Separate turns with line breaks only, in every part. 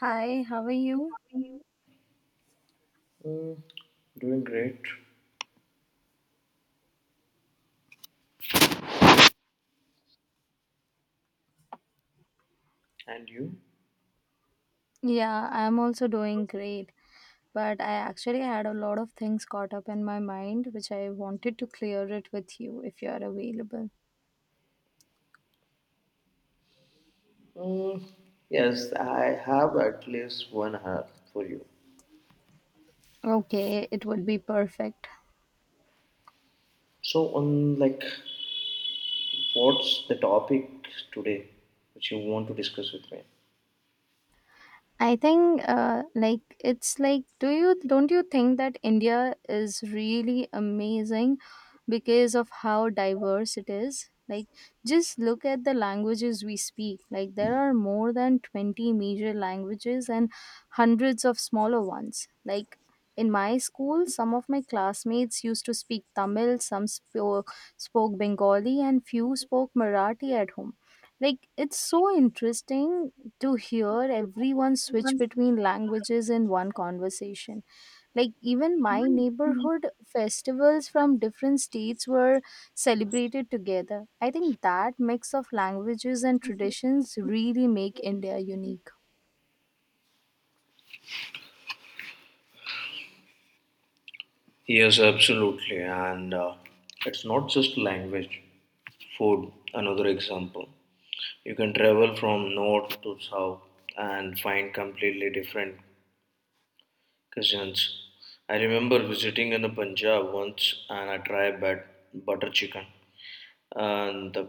Hi, how are you?
Mm, doing great. And you?
Yeah, I'm also doing great. But I actually had a lot of things caught up in my mind, which I wanted to clear it with you if you are available.
Mm, yes, I have at least 1 hour for you.
Okay, it would be perfect.
So, what's the topic today which you want to discuss with me?
I think like it's like do you don't you think that India is really amazing because of how diverse it is? Like just look at the languages we speak. Like there are more than 20 major languages and hundreds of smaller ones. Like in my school, some of my classmates used to speak Tamil, some spoke Bengali, and few spoke Marathi at home. Like it's so interesting to hear everyone switch between languages in one conversation. Like, even my neighborhood festivals from different states were celebrated together. I think that mix of languages and traditions really make India unique.
Yes, absolutely. And it's not just language, food, another example. You can travel from north to south and find completely different cuisines. I remember visiting in the Punjab once and I tried butter chicken. And the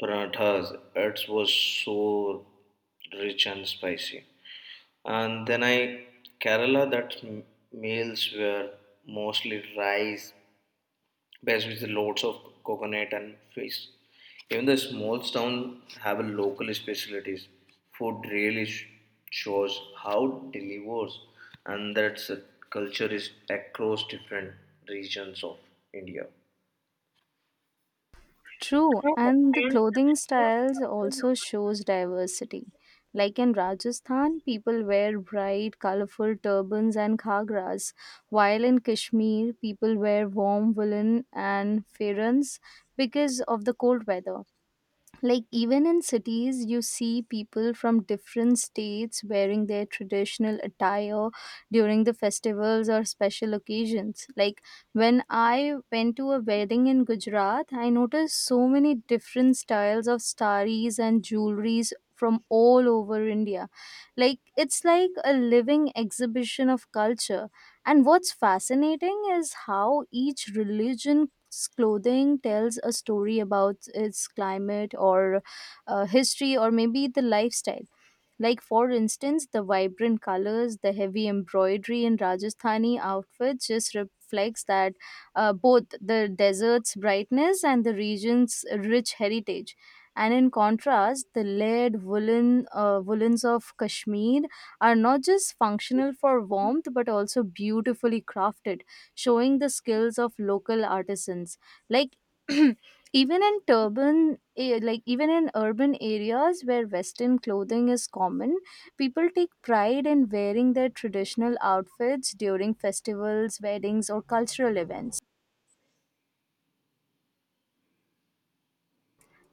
parathas, it was so rich and spicy, and then I, Kerala, that meals were mostly rice based with loads of coconut and fish. Even the small town have a local specialties. Food really shows how delivers, and that's a culture is across different regions of India.
True, and the clothing styles also shows diversity. Like in Rajasthan, people wear bright, colorful turbans and khagras, while in Kashmir, people wear warm woolen and ferans because of the cold weather. Like even in cities, you see people from different states wearing their traditional attire during the festivals or special occasions. Like when I went to a wedding in Gujarat, I noticed so many different styles of saris and jewelries from all over India. Like it's like a living exhibition of culture. And what's fascinating is how each religion clothing tells a story about its climate or history or maybe the lifestyle. Like, for instance, the vibrant colors, the heavy embroidery in Rajasthani outfits just reflects that, both the desert's brightness and the region's rich heritage. And in contrast, the layered woolens of Kashmir are not just functional for warmth but also beautifully crafted, showing the skills of local artisans. Like even in turban eh, like even in urban areas where western clothing is common, people take pride in wearing their traditional outfits during festivals, weddings, or cultural events.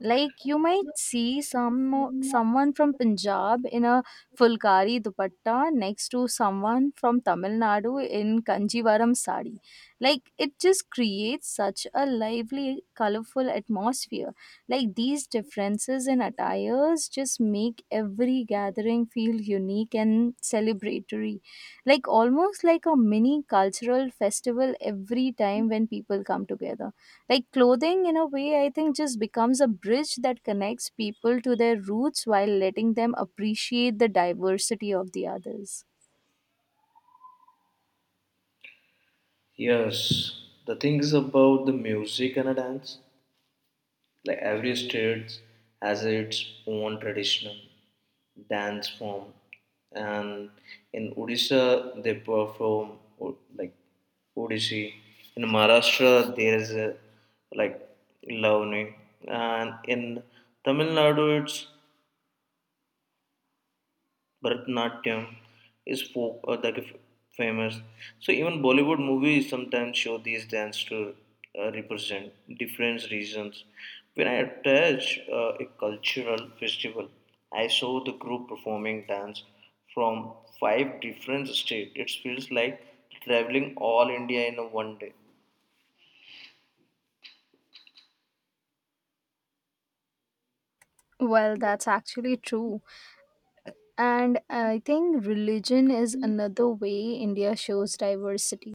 Like you might see someone from Punjab in a fulkari dupatta next to someone from Tamil Nadu in kanjivaram sari. Like it just creates such a lively, colorful atmosphere. Like these differences in attires just make every gathering feel unique and celebratory. Like almost like a mini cultural festival every time when people come together. Like clothing, in a way, I think just becomes a bridge that connects people to their roots while letting them appreciate the diversity of the others.
Yes, the thing is about the music and a dance. Like every state has its own traditional dance form, and in Odisha they perform like Odissi. In Maharashtra there is a, like, Lavani, and in Tamil Nadu it's Bharatanatyam is folk like famous. So even Bollywood movies sometimes show these dance to represent different regions. When I attach a cultural festival, I saw the group performing dance from 5 different states. It feels like traveling all India in a 1 day.
Well, that's actually true. And I think religion is another way India shows diversity.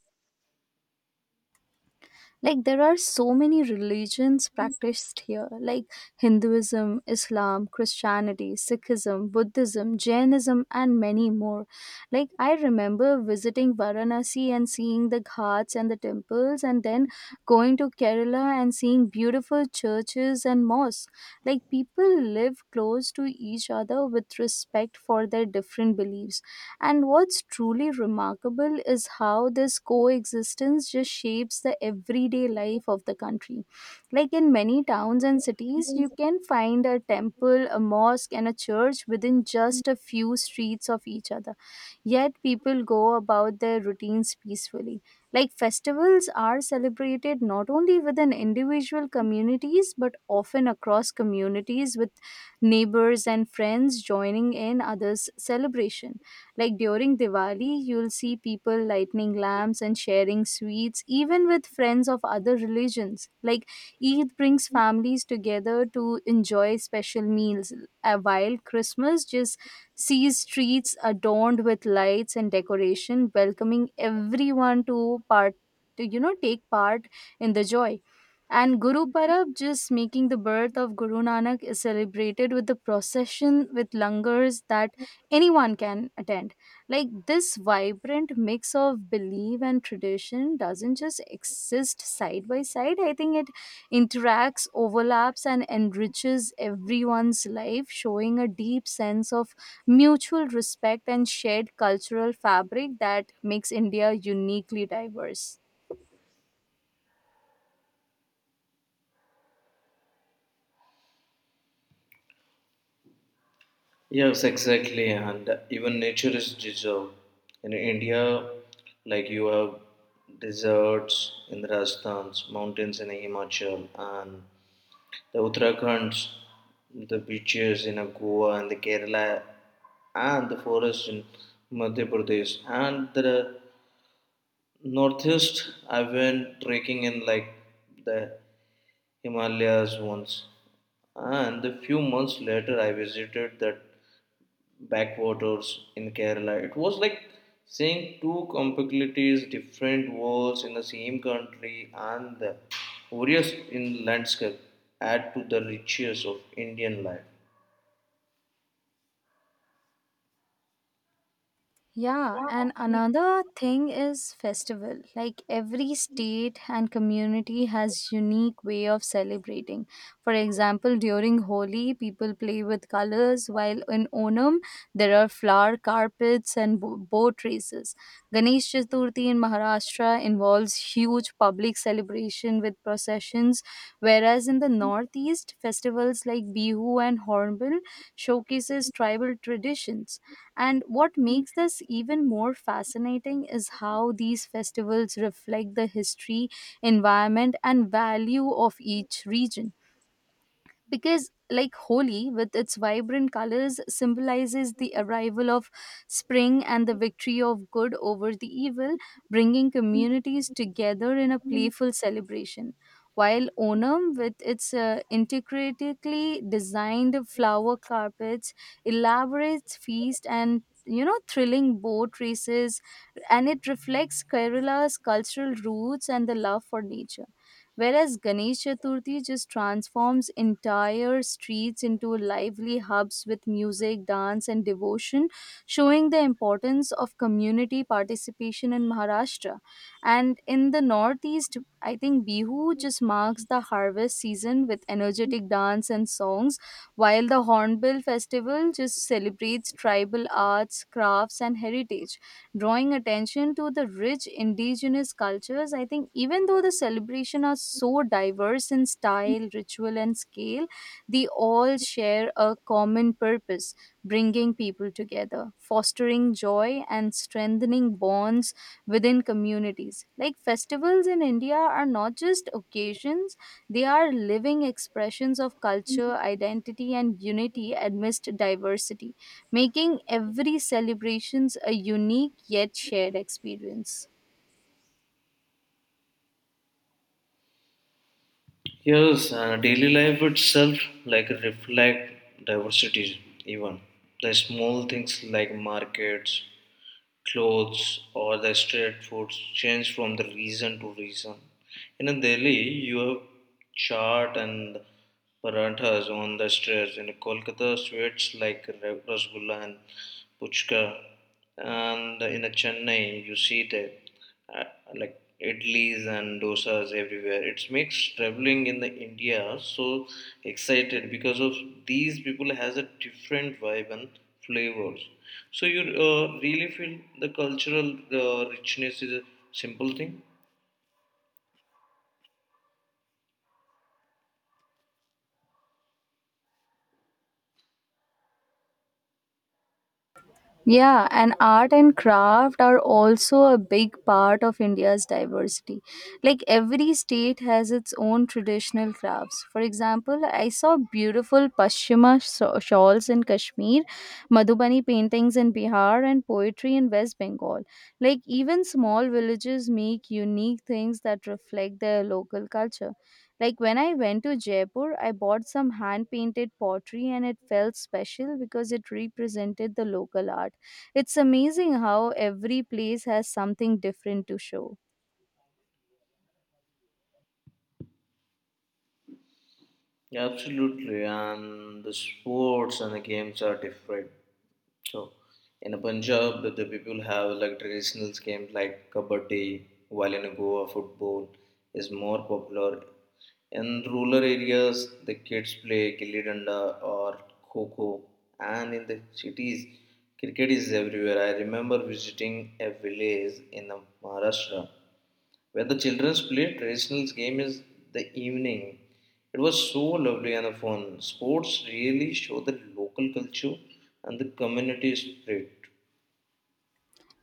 Like there are so many religions practiced here, like Hinduism, Islam, Christianity, Sikhism, Buddhism, Jainism, and many more. Like I remember visiting Varanasi and seeing the ghats and the temples, and then going to Kerala and seeing beautiful churches and mosques. Like people live close to each other with respect for their different beliefs. And what's truly remarkable is how this coexistence just shapes the everyday life of the country. Like in many towns and cities, you can find a temple, a mosque, and a church within just a few streets of each other. Yet people go about their routines peacefully. Like festivals are celebrated not only within individual communities but often across communities, with neighbors and friends joining in others' celebration. Like during Diwali, you'll see people lighting lamps and sharing sweets, even with friends of other religions. Like Eid brings families together to enjoy special meals, while Christmas just sees streets adorned with lights and decoration, welcoming everyone to part to you know take part in the joy. And Guru Parab, just making the birth of Guru Nanak, is celebrated with the procession with langars that anyone can attend. Like this vibrant mix of belief and tradition doesn't just exist side by side. I think it interacts, overlaps, and enriches everyone's life, showing a deep sense of mutual respect and shared cultural fabric that makes India uniquely diverse.
Yes, exactly, and even nature is deserved. In India, like you have deserts in the Rajasthan's, mountains in Himachal, and the Uttarakhand's, the beaches in Goa and the Kerala, and the forests in Madhya Pradesh, and the northeast. I went trekking in like the Himalayas once, and a few months later, I visited that backwaters in Kerala. It was like seeing two completely different worlds in the same country, and the various in landscape add to the richness of Indian life.
Yeah, and another thing is festival. Like every state and community has unique way of celebrating. For example, during Holi, people play with colors, while in Onam, there are flower carpets and boat races. Ganesh Chaturthi in Maharashtra involves huge public celebration with processions, whereas in the Northeast, festivals like Bihu and Hornbill showcases tribal traditions. And what makes this even more fascinating is how these festivals reflect the history, environment, and value of each region. Because like Holi, with its vibrant colors, symbolizes the arrival of spring and the victory of good over the evil, bringing communities together in a playful celebration. While Onam, with its intricately designed flower carpets, elaborate feast, and thrilling boat races, and it reflects Kerala's cultural roots and the love for nature. Whereas Ganesh Chaturthi just transforms entire streets into lively hubs with music, dance, and devotion, showing the importance of community participation in Maharashtra. And in the Northeast, I think Bihu just marks the harvest season with energetic dance and songs, while the Hornbill Festival just celebrates tribal arts, crafts, and heritage, drawing attention to the rich indigenous cultures. I think even though the celebration are so diverse in style, ritual, and scale, they all share a common purpose, bringing people together, fostering joy, and strengthening bonds within communities. Like festivals in India are not just occasions, they are living expressions of culture, identity, and unity amidst diversity, making every celebrations a unique yet shared experience.
Yes, daily life itself like reflect diversity even. The small things like markets, clothes or the street foods change from the region to region. In Delhi, you have chaat and paranthas on the streets. In Kolkata, sweets like rasgulla and puchka. And in Chennai, you see that uh, like idlis and dosas everywhere. It makes traveling in the India so excited because of these people has a different vibe and flavors. So you really feel the cultural richness is a simple thing.
Yeah, and art and craft are also a big part of India's diversity. Like every state has its own traditional crafts. For example, I saw beautiful Pashmina shawls in Kashmir, Madhubani paintings in Bihar, and poetry in West Bengal. Like even small villages make unique things that reflect their local culture. Like when I went to Jaipur, I bought some hand painted pottery, and it felt special because it represented the local art. It's amazing how every place has something different to show.
Yeah, absolutely, and the sports and the games are different. So, in Punjab, the people have like traditional games like kabaddi, while in Goa, football is more popular. In rural areas, the kids play gilli danda or kho kho, and in the cities, cricket is everywhere. I remember visiting a village in Maharashtra where the children played traditional game is the evening. It was so lovely and fun. Sports really show the local culture and the community spirit.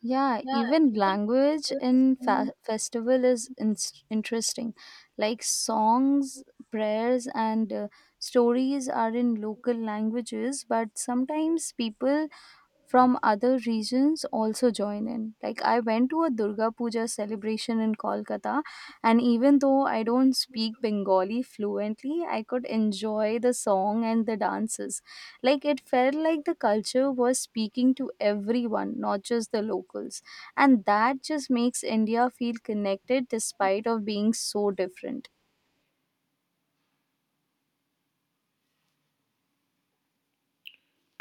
Yeah, even language in festival is interesting. Like songs, prayers, and stories are in local languages, but sometimes people from other regions also join in. Like I went to a Durga Puja celebration in Kolkata, and even though I don't speak Bengali fluently, I could enjoy the song and the dances. Like it felt like the culture was speaking to everyone, not just the locals. And that just makes India feel connected despite of being so different.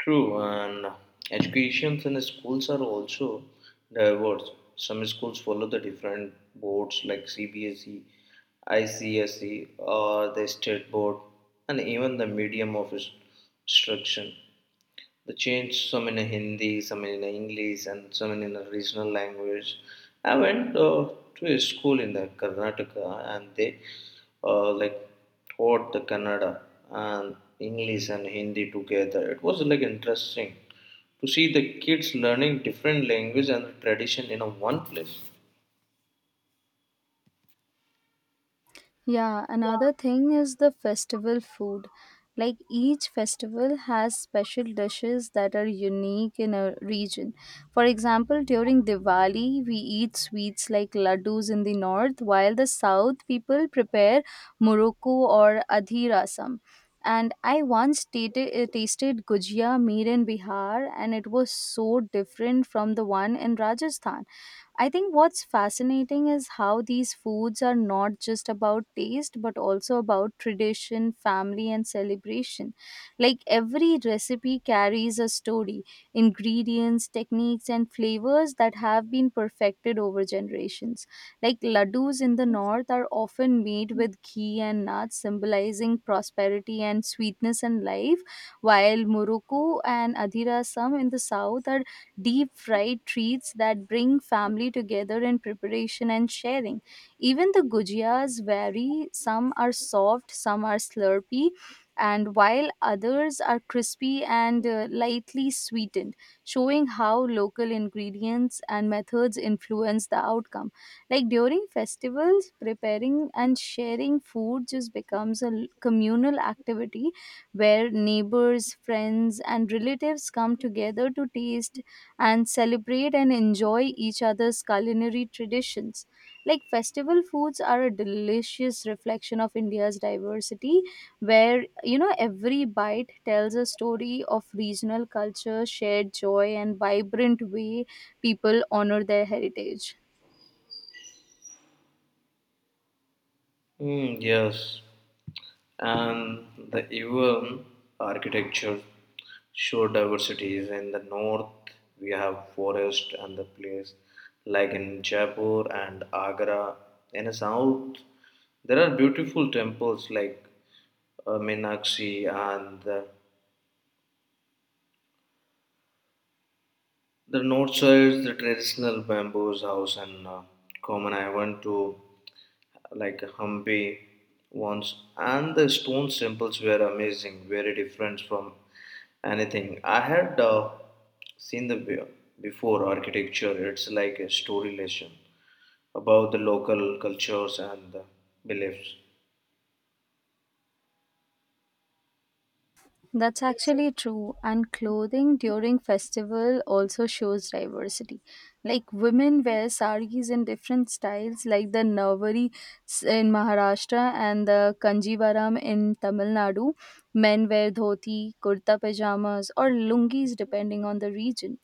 True, and educations in schools are also diverse. Some schools follow the different boards like CBSE, ICSE, or the state board, and even the medium of instruction. They changed some in a Hindi, some in a English, and some in a regional language. I went to a school in the Karnataka, and they like taught the Kannada and English and Hindi together. It was like interesting to see the kids learning different language and tradition in a one place.
Yeah, another thing is the festival food. Like each festival has special dishes that are unique in a region. For example, during Diwali, we eat sweets like laddus in the north, while the south people prepare muruku or adhirasam. And I once tasted gujia made in Bihar, and it was so different from the one in Rajasthan. I think what's fascinating is how these foods are not just about taste but also about tradition, family, and celebration. Like every recipe carries a story, ingredients, techniques, and flavors that have been perfected over generations. Like laddus in the north are often made with ghee and nuts, symbolizing prosperity and sweetness and life, while Morocco and Adhirasam in the south are deep fried treats that bring family together in preparation and sharing. Even the gujiyas vary, some are soft, some are slurpy, and while others are crispy and lightly sweetened, showing how local ingredients and methods influence the outcome. Like during festivals, preparing and sharing food just becomes a communal activity where neighbors, friends, and relatives come together to taste and celebrate and enjoy each other's culinary traditions. Like festival foods are a delicious reflection of India's diversity, where every bite tells a story of regional culture, shared joy, and vibrant way people honor their heritage.
Hmm, yes, and the even architecture show diversities. In the north, we have forest and the place like in Jaipur and Agra. In the south, there are beautiful temples like Meenakshi and the. The north side, is the traditional bamboos house and common. I went to like Hampi once, and the stone temples were amazing, very different from anything I had seen the before architecture. It's like a story lesson about the local cultures and the beliefs.
That's actually true. And clothing during festival also shows diversity. Like women wear saris in different styles, like the Navari in Maharashtra and the Kanjivaram in Tamil Nadu. Men wear dhoti, kurta pajamas, or lungis depending on the region.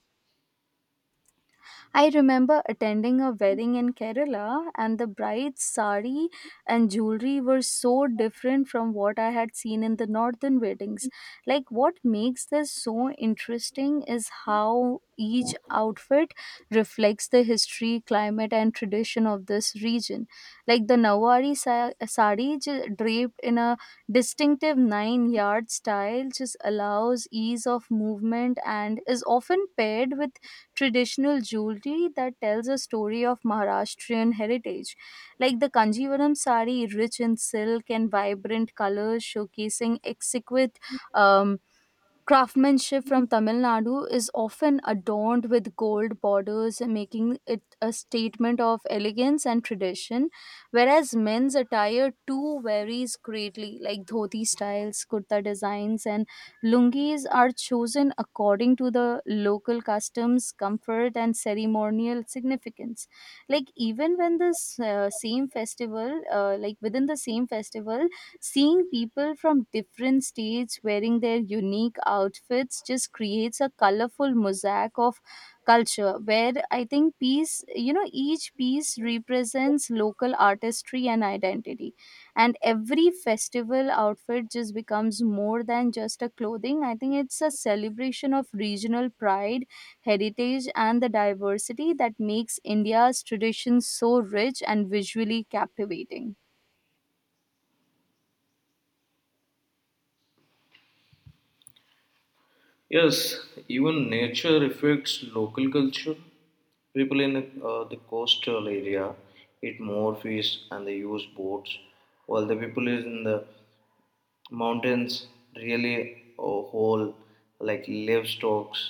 I remember attending a wedding in Kerala, and the bride's sari and jewelry were so different from what I had seen in the northern weddings. Like, what makes this so interesting is how each outfit reflects the history, climate, and tradition of this region. Like, the Nawari sari draped in a distinctive 9-yard style just allows ease of movement and is often paired with traditional jewelry that tells a story of Maharashtrian heritage, like the Kanjivaram sari, rich in silk and vibrant colors, showcasing exquisite um, craftsmanship from Tamil Nadu, is often adorned with gold borders, making it a statement of elegance and tradition. Whereas men's attire too varies greatly, like dhoti styles, kurta designs, and lungis are chosen according to the local customs, comfort, and ceremonial significance. Like within the same festival, seeing people from different states wearing their unique outfits just creates a colorful mosaic of culture, where I think each piece represents local artistry and identity. And every festival outfit just becomes more than just a clothing. I think it's a celebration of regional pride, heritage, and the diversity that makes India's tradition so rich and visually captivating.
Yes, even nature affects local culture. People in the coastal area eat more fish and they use boats, while the people is in the mountains really a whole like livestock's.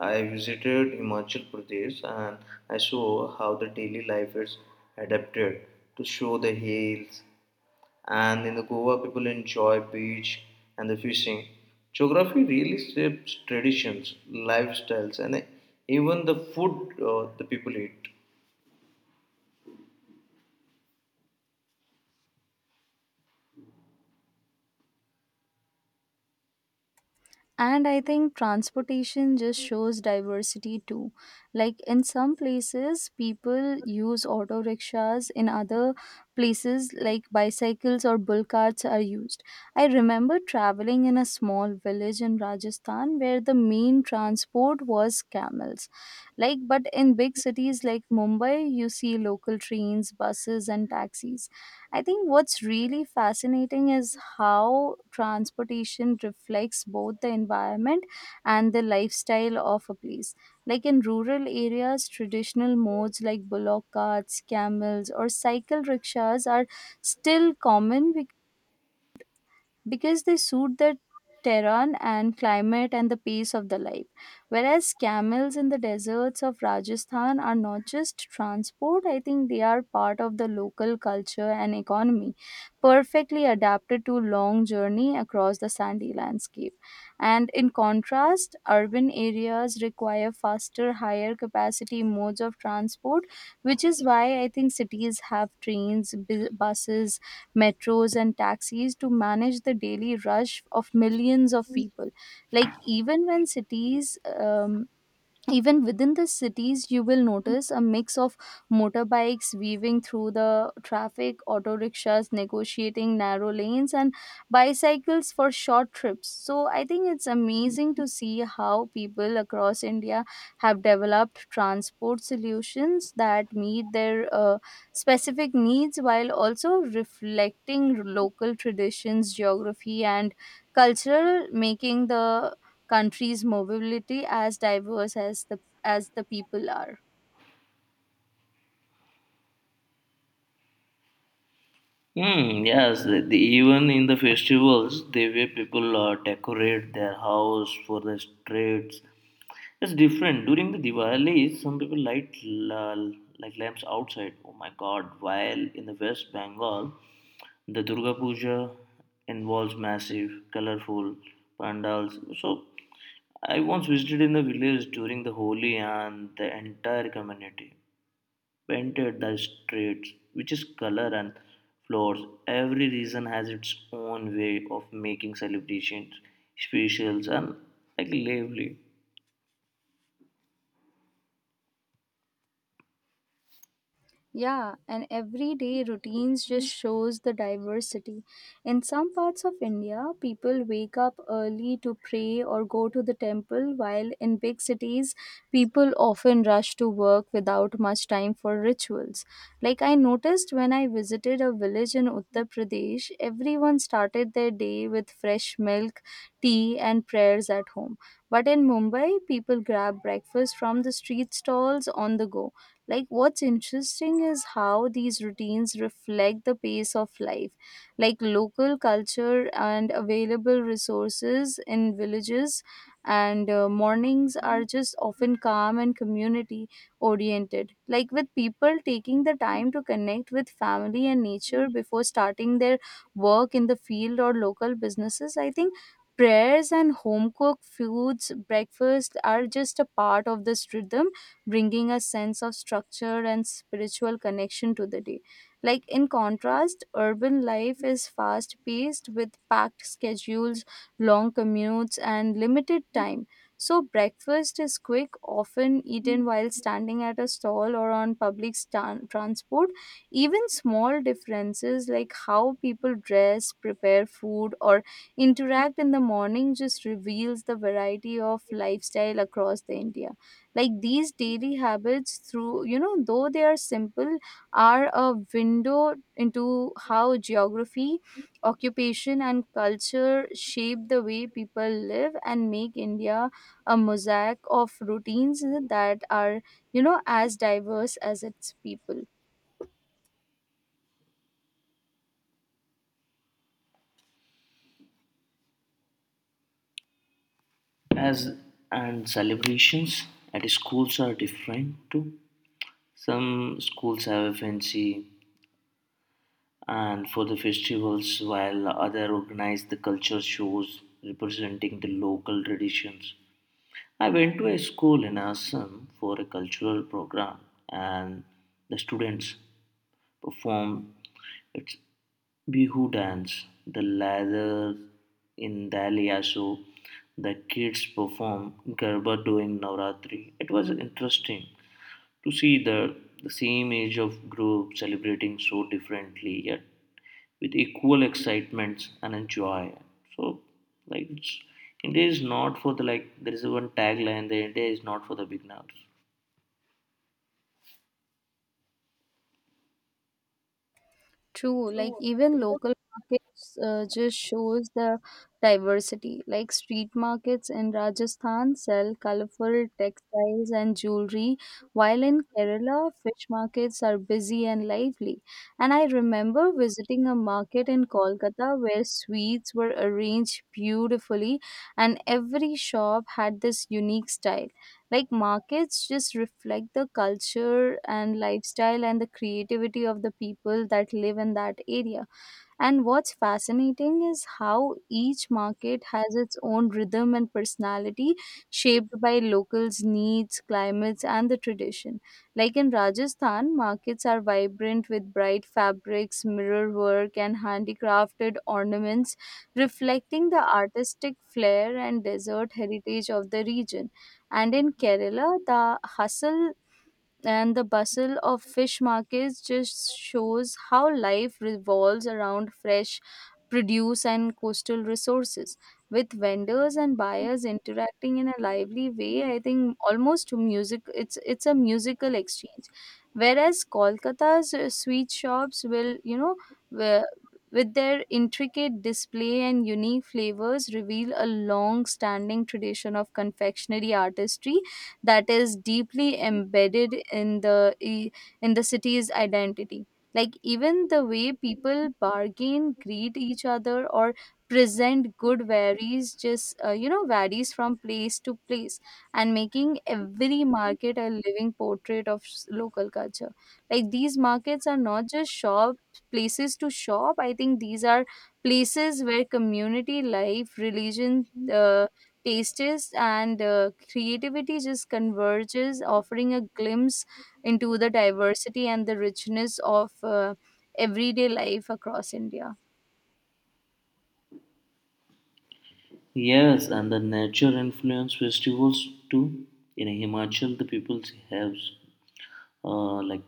I visited Himachal Pradesh and I saw how the daily life is adapted to show the hills, and in the Goa people enjoy beach and the fishing. Geography really shapes traditions, lifestyles and even the food the people eat.
And I think transportation just shows diversity too. Like in some places people use auto rickshaws, in other places like bicycles or bull carts are used. I remember traveling in a small village in Rajasthan where the main transport was camels. Like, but in big cities like Mumbai you see local trains, buses and taxis. I think what's really fascinating is how transportation reflects both the environment and the lifestyle of a place. Like in rural areas, traditional modes like bullock carts, camels, or cycle rickshaws are still common because they suit the terrain and climate and the pace of the life. Whereas camels in the deserts of Rajasthan are not just transport, I think they are part of the local culture and economy, perfectly adapted to long journey across the sandy landscape. And in contrast, urban areas require faster, higher capacity modes of transport, which is why I think cities have trains, buses, metros and taxis to manage the daily rush of millions of people. Like even when cities even within the cities you will notice a mix of motorbikes weaving through the traffic, auto rickshaws negotiating narrow lanes and bicycles for short trips. So I think it's amazing to see how people across India have developed transport solutions that meet their specific needs while also reflecting local traditions, geography and cultural, making the country's mobility as diverse as the people are.
Hmm. Yes, even in the festivals, the way people decorate their house for the streets, it's different. During the Diwali, some people light like lamps outside. Oh my God! While in the West Bengal, the Durga Puja involves massive, colorful pandals. So, I once visited in the village during the Holi, and the entire community painted the streets, which is color and floors. Every region has its own way of making celebrations special and like lively.
Yeah, and everyday routines just shows the diversity. In some parts of India, people wake up early to pray or go to the temple, while in big cities, people often rush to work without much time for rituals. Like I noticed when I visited a village in Uttar Pradesh, everyone started their day with fresh milk, tea, and prayers at home. But in Mumbai, people grab breakfast from the street stalls on the go. Like what's interesting is how these routines reflect the pace of life, like local culture and available resources. In villages and mornings are just often calm and community oriented, like with people taking the time to connect with family and nature before starting their work in the field or local businesses. I think prayers and home cooked foods breakfast are just a part of this rhythm, bringing a sense of structure and spiritual connection to the day. Like in contrast, urban life is fast paced with packed schedules, long commutes, and limited time. So, breakfast is quick, often eaten while standing at a stall or on public transport. Even small differences like how people dress, prepare food, or interact in the morning just reveals the variety of lifestyle across the India. Like these daily habits, through you know though they are simple, are a window into how geography, occupation and culture shape the way people live and make India a mosaic of routines that are, you know, as diverse as its people.
As and celebrations at schools are different too. Some schools have a fancy and for the festivals, while other organize the culture shows representing the local traditions. I went to a school in Assam for a cultural program, and the students perform its Bihu dance. The latter in Dalia show, the kids perform Garba during Navratri. It was interesting to see the same age of group celebrating so differently yet with equal excitement and enjoy. So like it's, India is not for the like there is one tagline the India is not for the beginners.
True, like even local markets just shows the diversity. Like street markets in Rajasthan sell colorful textiles and jewelry, while in Kerala, fish markets are busy and lively. And I remember visiting a market in Kolkata where sweets were arranged beautifully, and every shop had this unique style. Like markets just reflect the culture and lifestyle and the creativity of the people that live in that area. And what's fascinating is how each market has its own rhythm and personality, shaped by locals' needs, climates, and the tradition. Like in Rajasthan, markets are vibrant with bright fabrics, mirror work, and handicrafted ornaments, reflecting the artistic flair and desert heritage of the region. And in Kerala, the hustle and the bustle of fish markets just shows how life revolves around fresh produce and coastal resources, with vendors and buyers interacting in a lively way. I think almost music, it's a musical exchange. Whereas Kolkata's sweet shops will, you know, wi- with their intricate display and unique flavors reveal a long standing tradition of confectionery artistry that is deeply embedded in i- in the city's identity. Like even the way people bargain, greet each other or present good varies, just you know, varies from place to place, and making every market a living portrait of local culture. Like these markets are not just shop places to shop. I think these are places where community life, religion, uh, tastes and creativity just converges, offering a glimpse into the diversity and the richness of everyday life across India.
Yes, and the nature influence festivals too. In Himachal, the people have like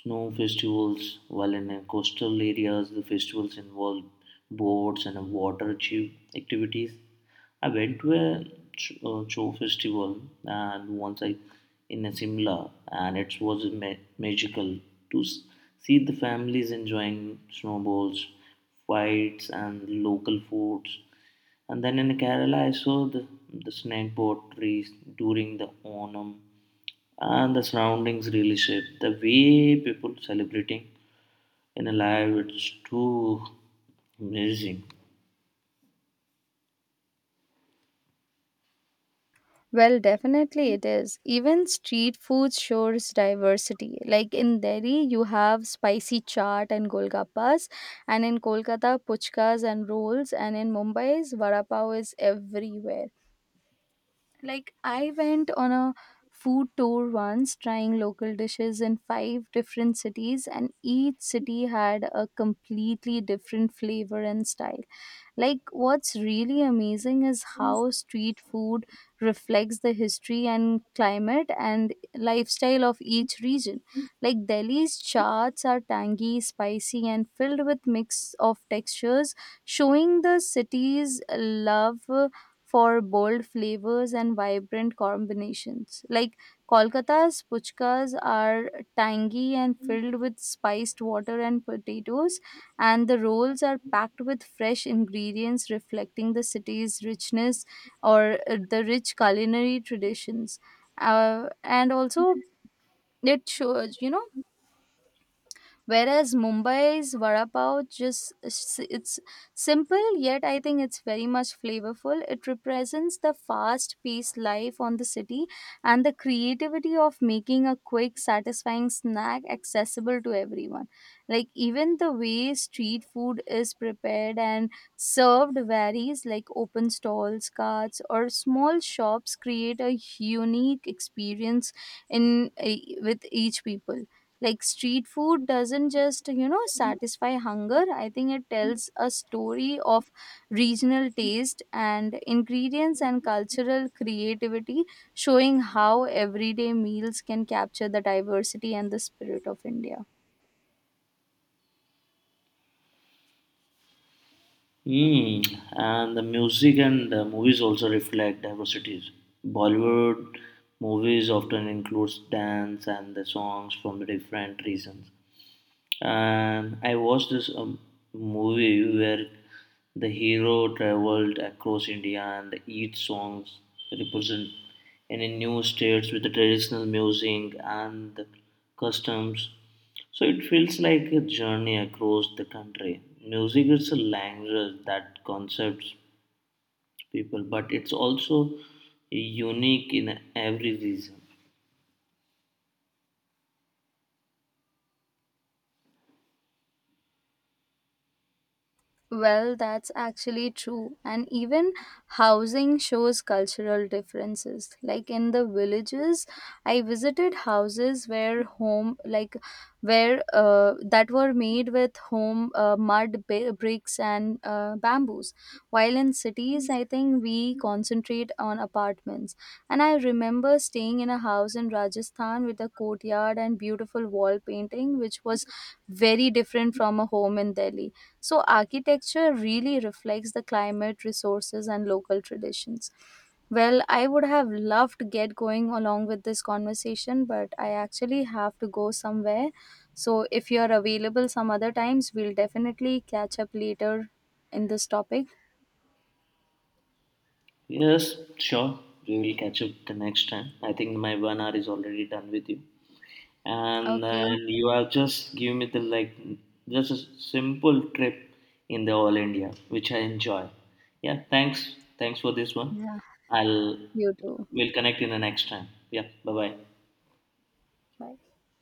snow festivals, while in coastal areas, the festivals involve boats and water tube activities. I went to a show festival and once I in a Simla, and it was magical to see the families enjoying snowballs, fights, and local foods. And then in Kerala, I saw the snake boat trees during the Onam, and the surroundings really shaped the way people celebrating in a live. It's too amazing.
Well, definitely it is. Even street food shows diversity. Like in Delhi you have spicy chaat and golgappas, and in Kolkata puchkas and rolls, and in Mumbai's vada pav is everywhere. Like I went on a food tour once, trying local dishes in five different cities, and each city had a completely different flavor and style. Like, what's really amazing is how street food reflects the history and climate and lifestyle of each region. Like, Delhi's chaats are tangy, spicy, and filled with mix of textures, showing the city's love for bold flavors and vibrant combinations. Like Kolkata's puchkas are tangy and filled with spiced water and potatoes, and the rolls are packed with fresh ingredients reflecting the city's richness or the rich culinary traditions. And also, it shows, you know, whereas Mumbai's vada pav it's simple, yet I think it's very much flavorful. It represents the fast paced life on the city and the creativity of making a quick satisfying snack accessible to everyone. Like even the way street food is prepared and served varies, like open stalls, carts or small shops create a unique experience in eh, with each people. Like street food doesn't just, you know, satisfy hunger. I think it tells a story of regional taste and ingredients and cultural creativity, showing how everyday meals can capture the diversity and the spirit of India.
Mm. And the music and the movies also reflect diversities. Bollywood movies often includes dance and the songs from the different regions. And I watched this movie where the hero traveled across India and each song represent any new states with the traditional music and the customs. So it feels like a journey across the country. Music is a language that concepts people, but it's also unique in every region.
Well, that's actually true. And even housing shows cultural differences. Like in the villages, I visited houses where home, like where that were made with home mud, bricks, and bamboos. While in cities, I think we concentrate on apartments. And I remember staying in a house in Rajasthan with a courtyard and beautiful wall painting, which was very different from a home in Delhi. So, architecture really reflects the climate, resources, and local traditions. Well, I would have loved to get going along with this conversation, but I actually have to go somewhere. So, if you're available some other times, we'll definitely catch up later in this topic.
Yes, sure. We will catch up the next time. I think my 1 hour is already done with you. And
Okay.
then you are just give me the like just a simple trip in the all India which I enjoy. Yeah, thanks for this one.
Yeah.
I'll
You too.
We'll connect in the next time. Yeah, bye bye.
Bye.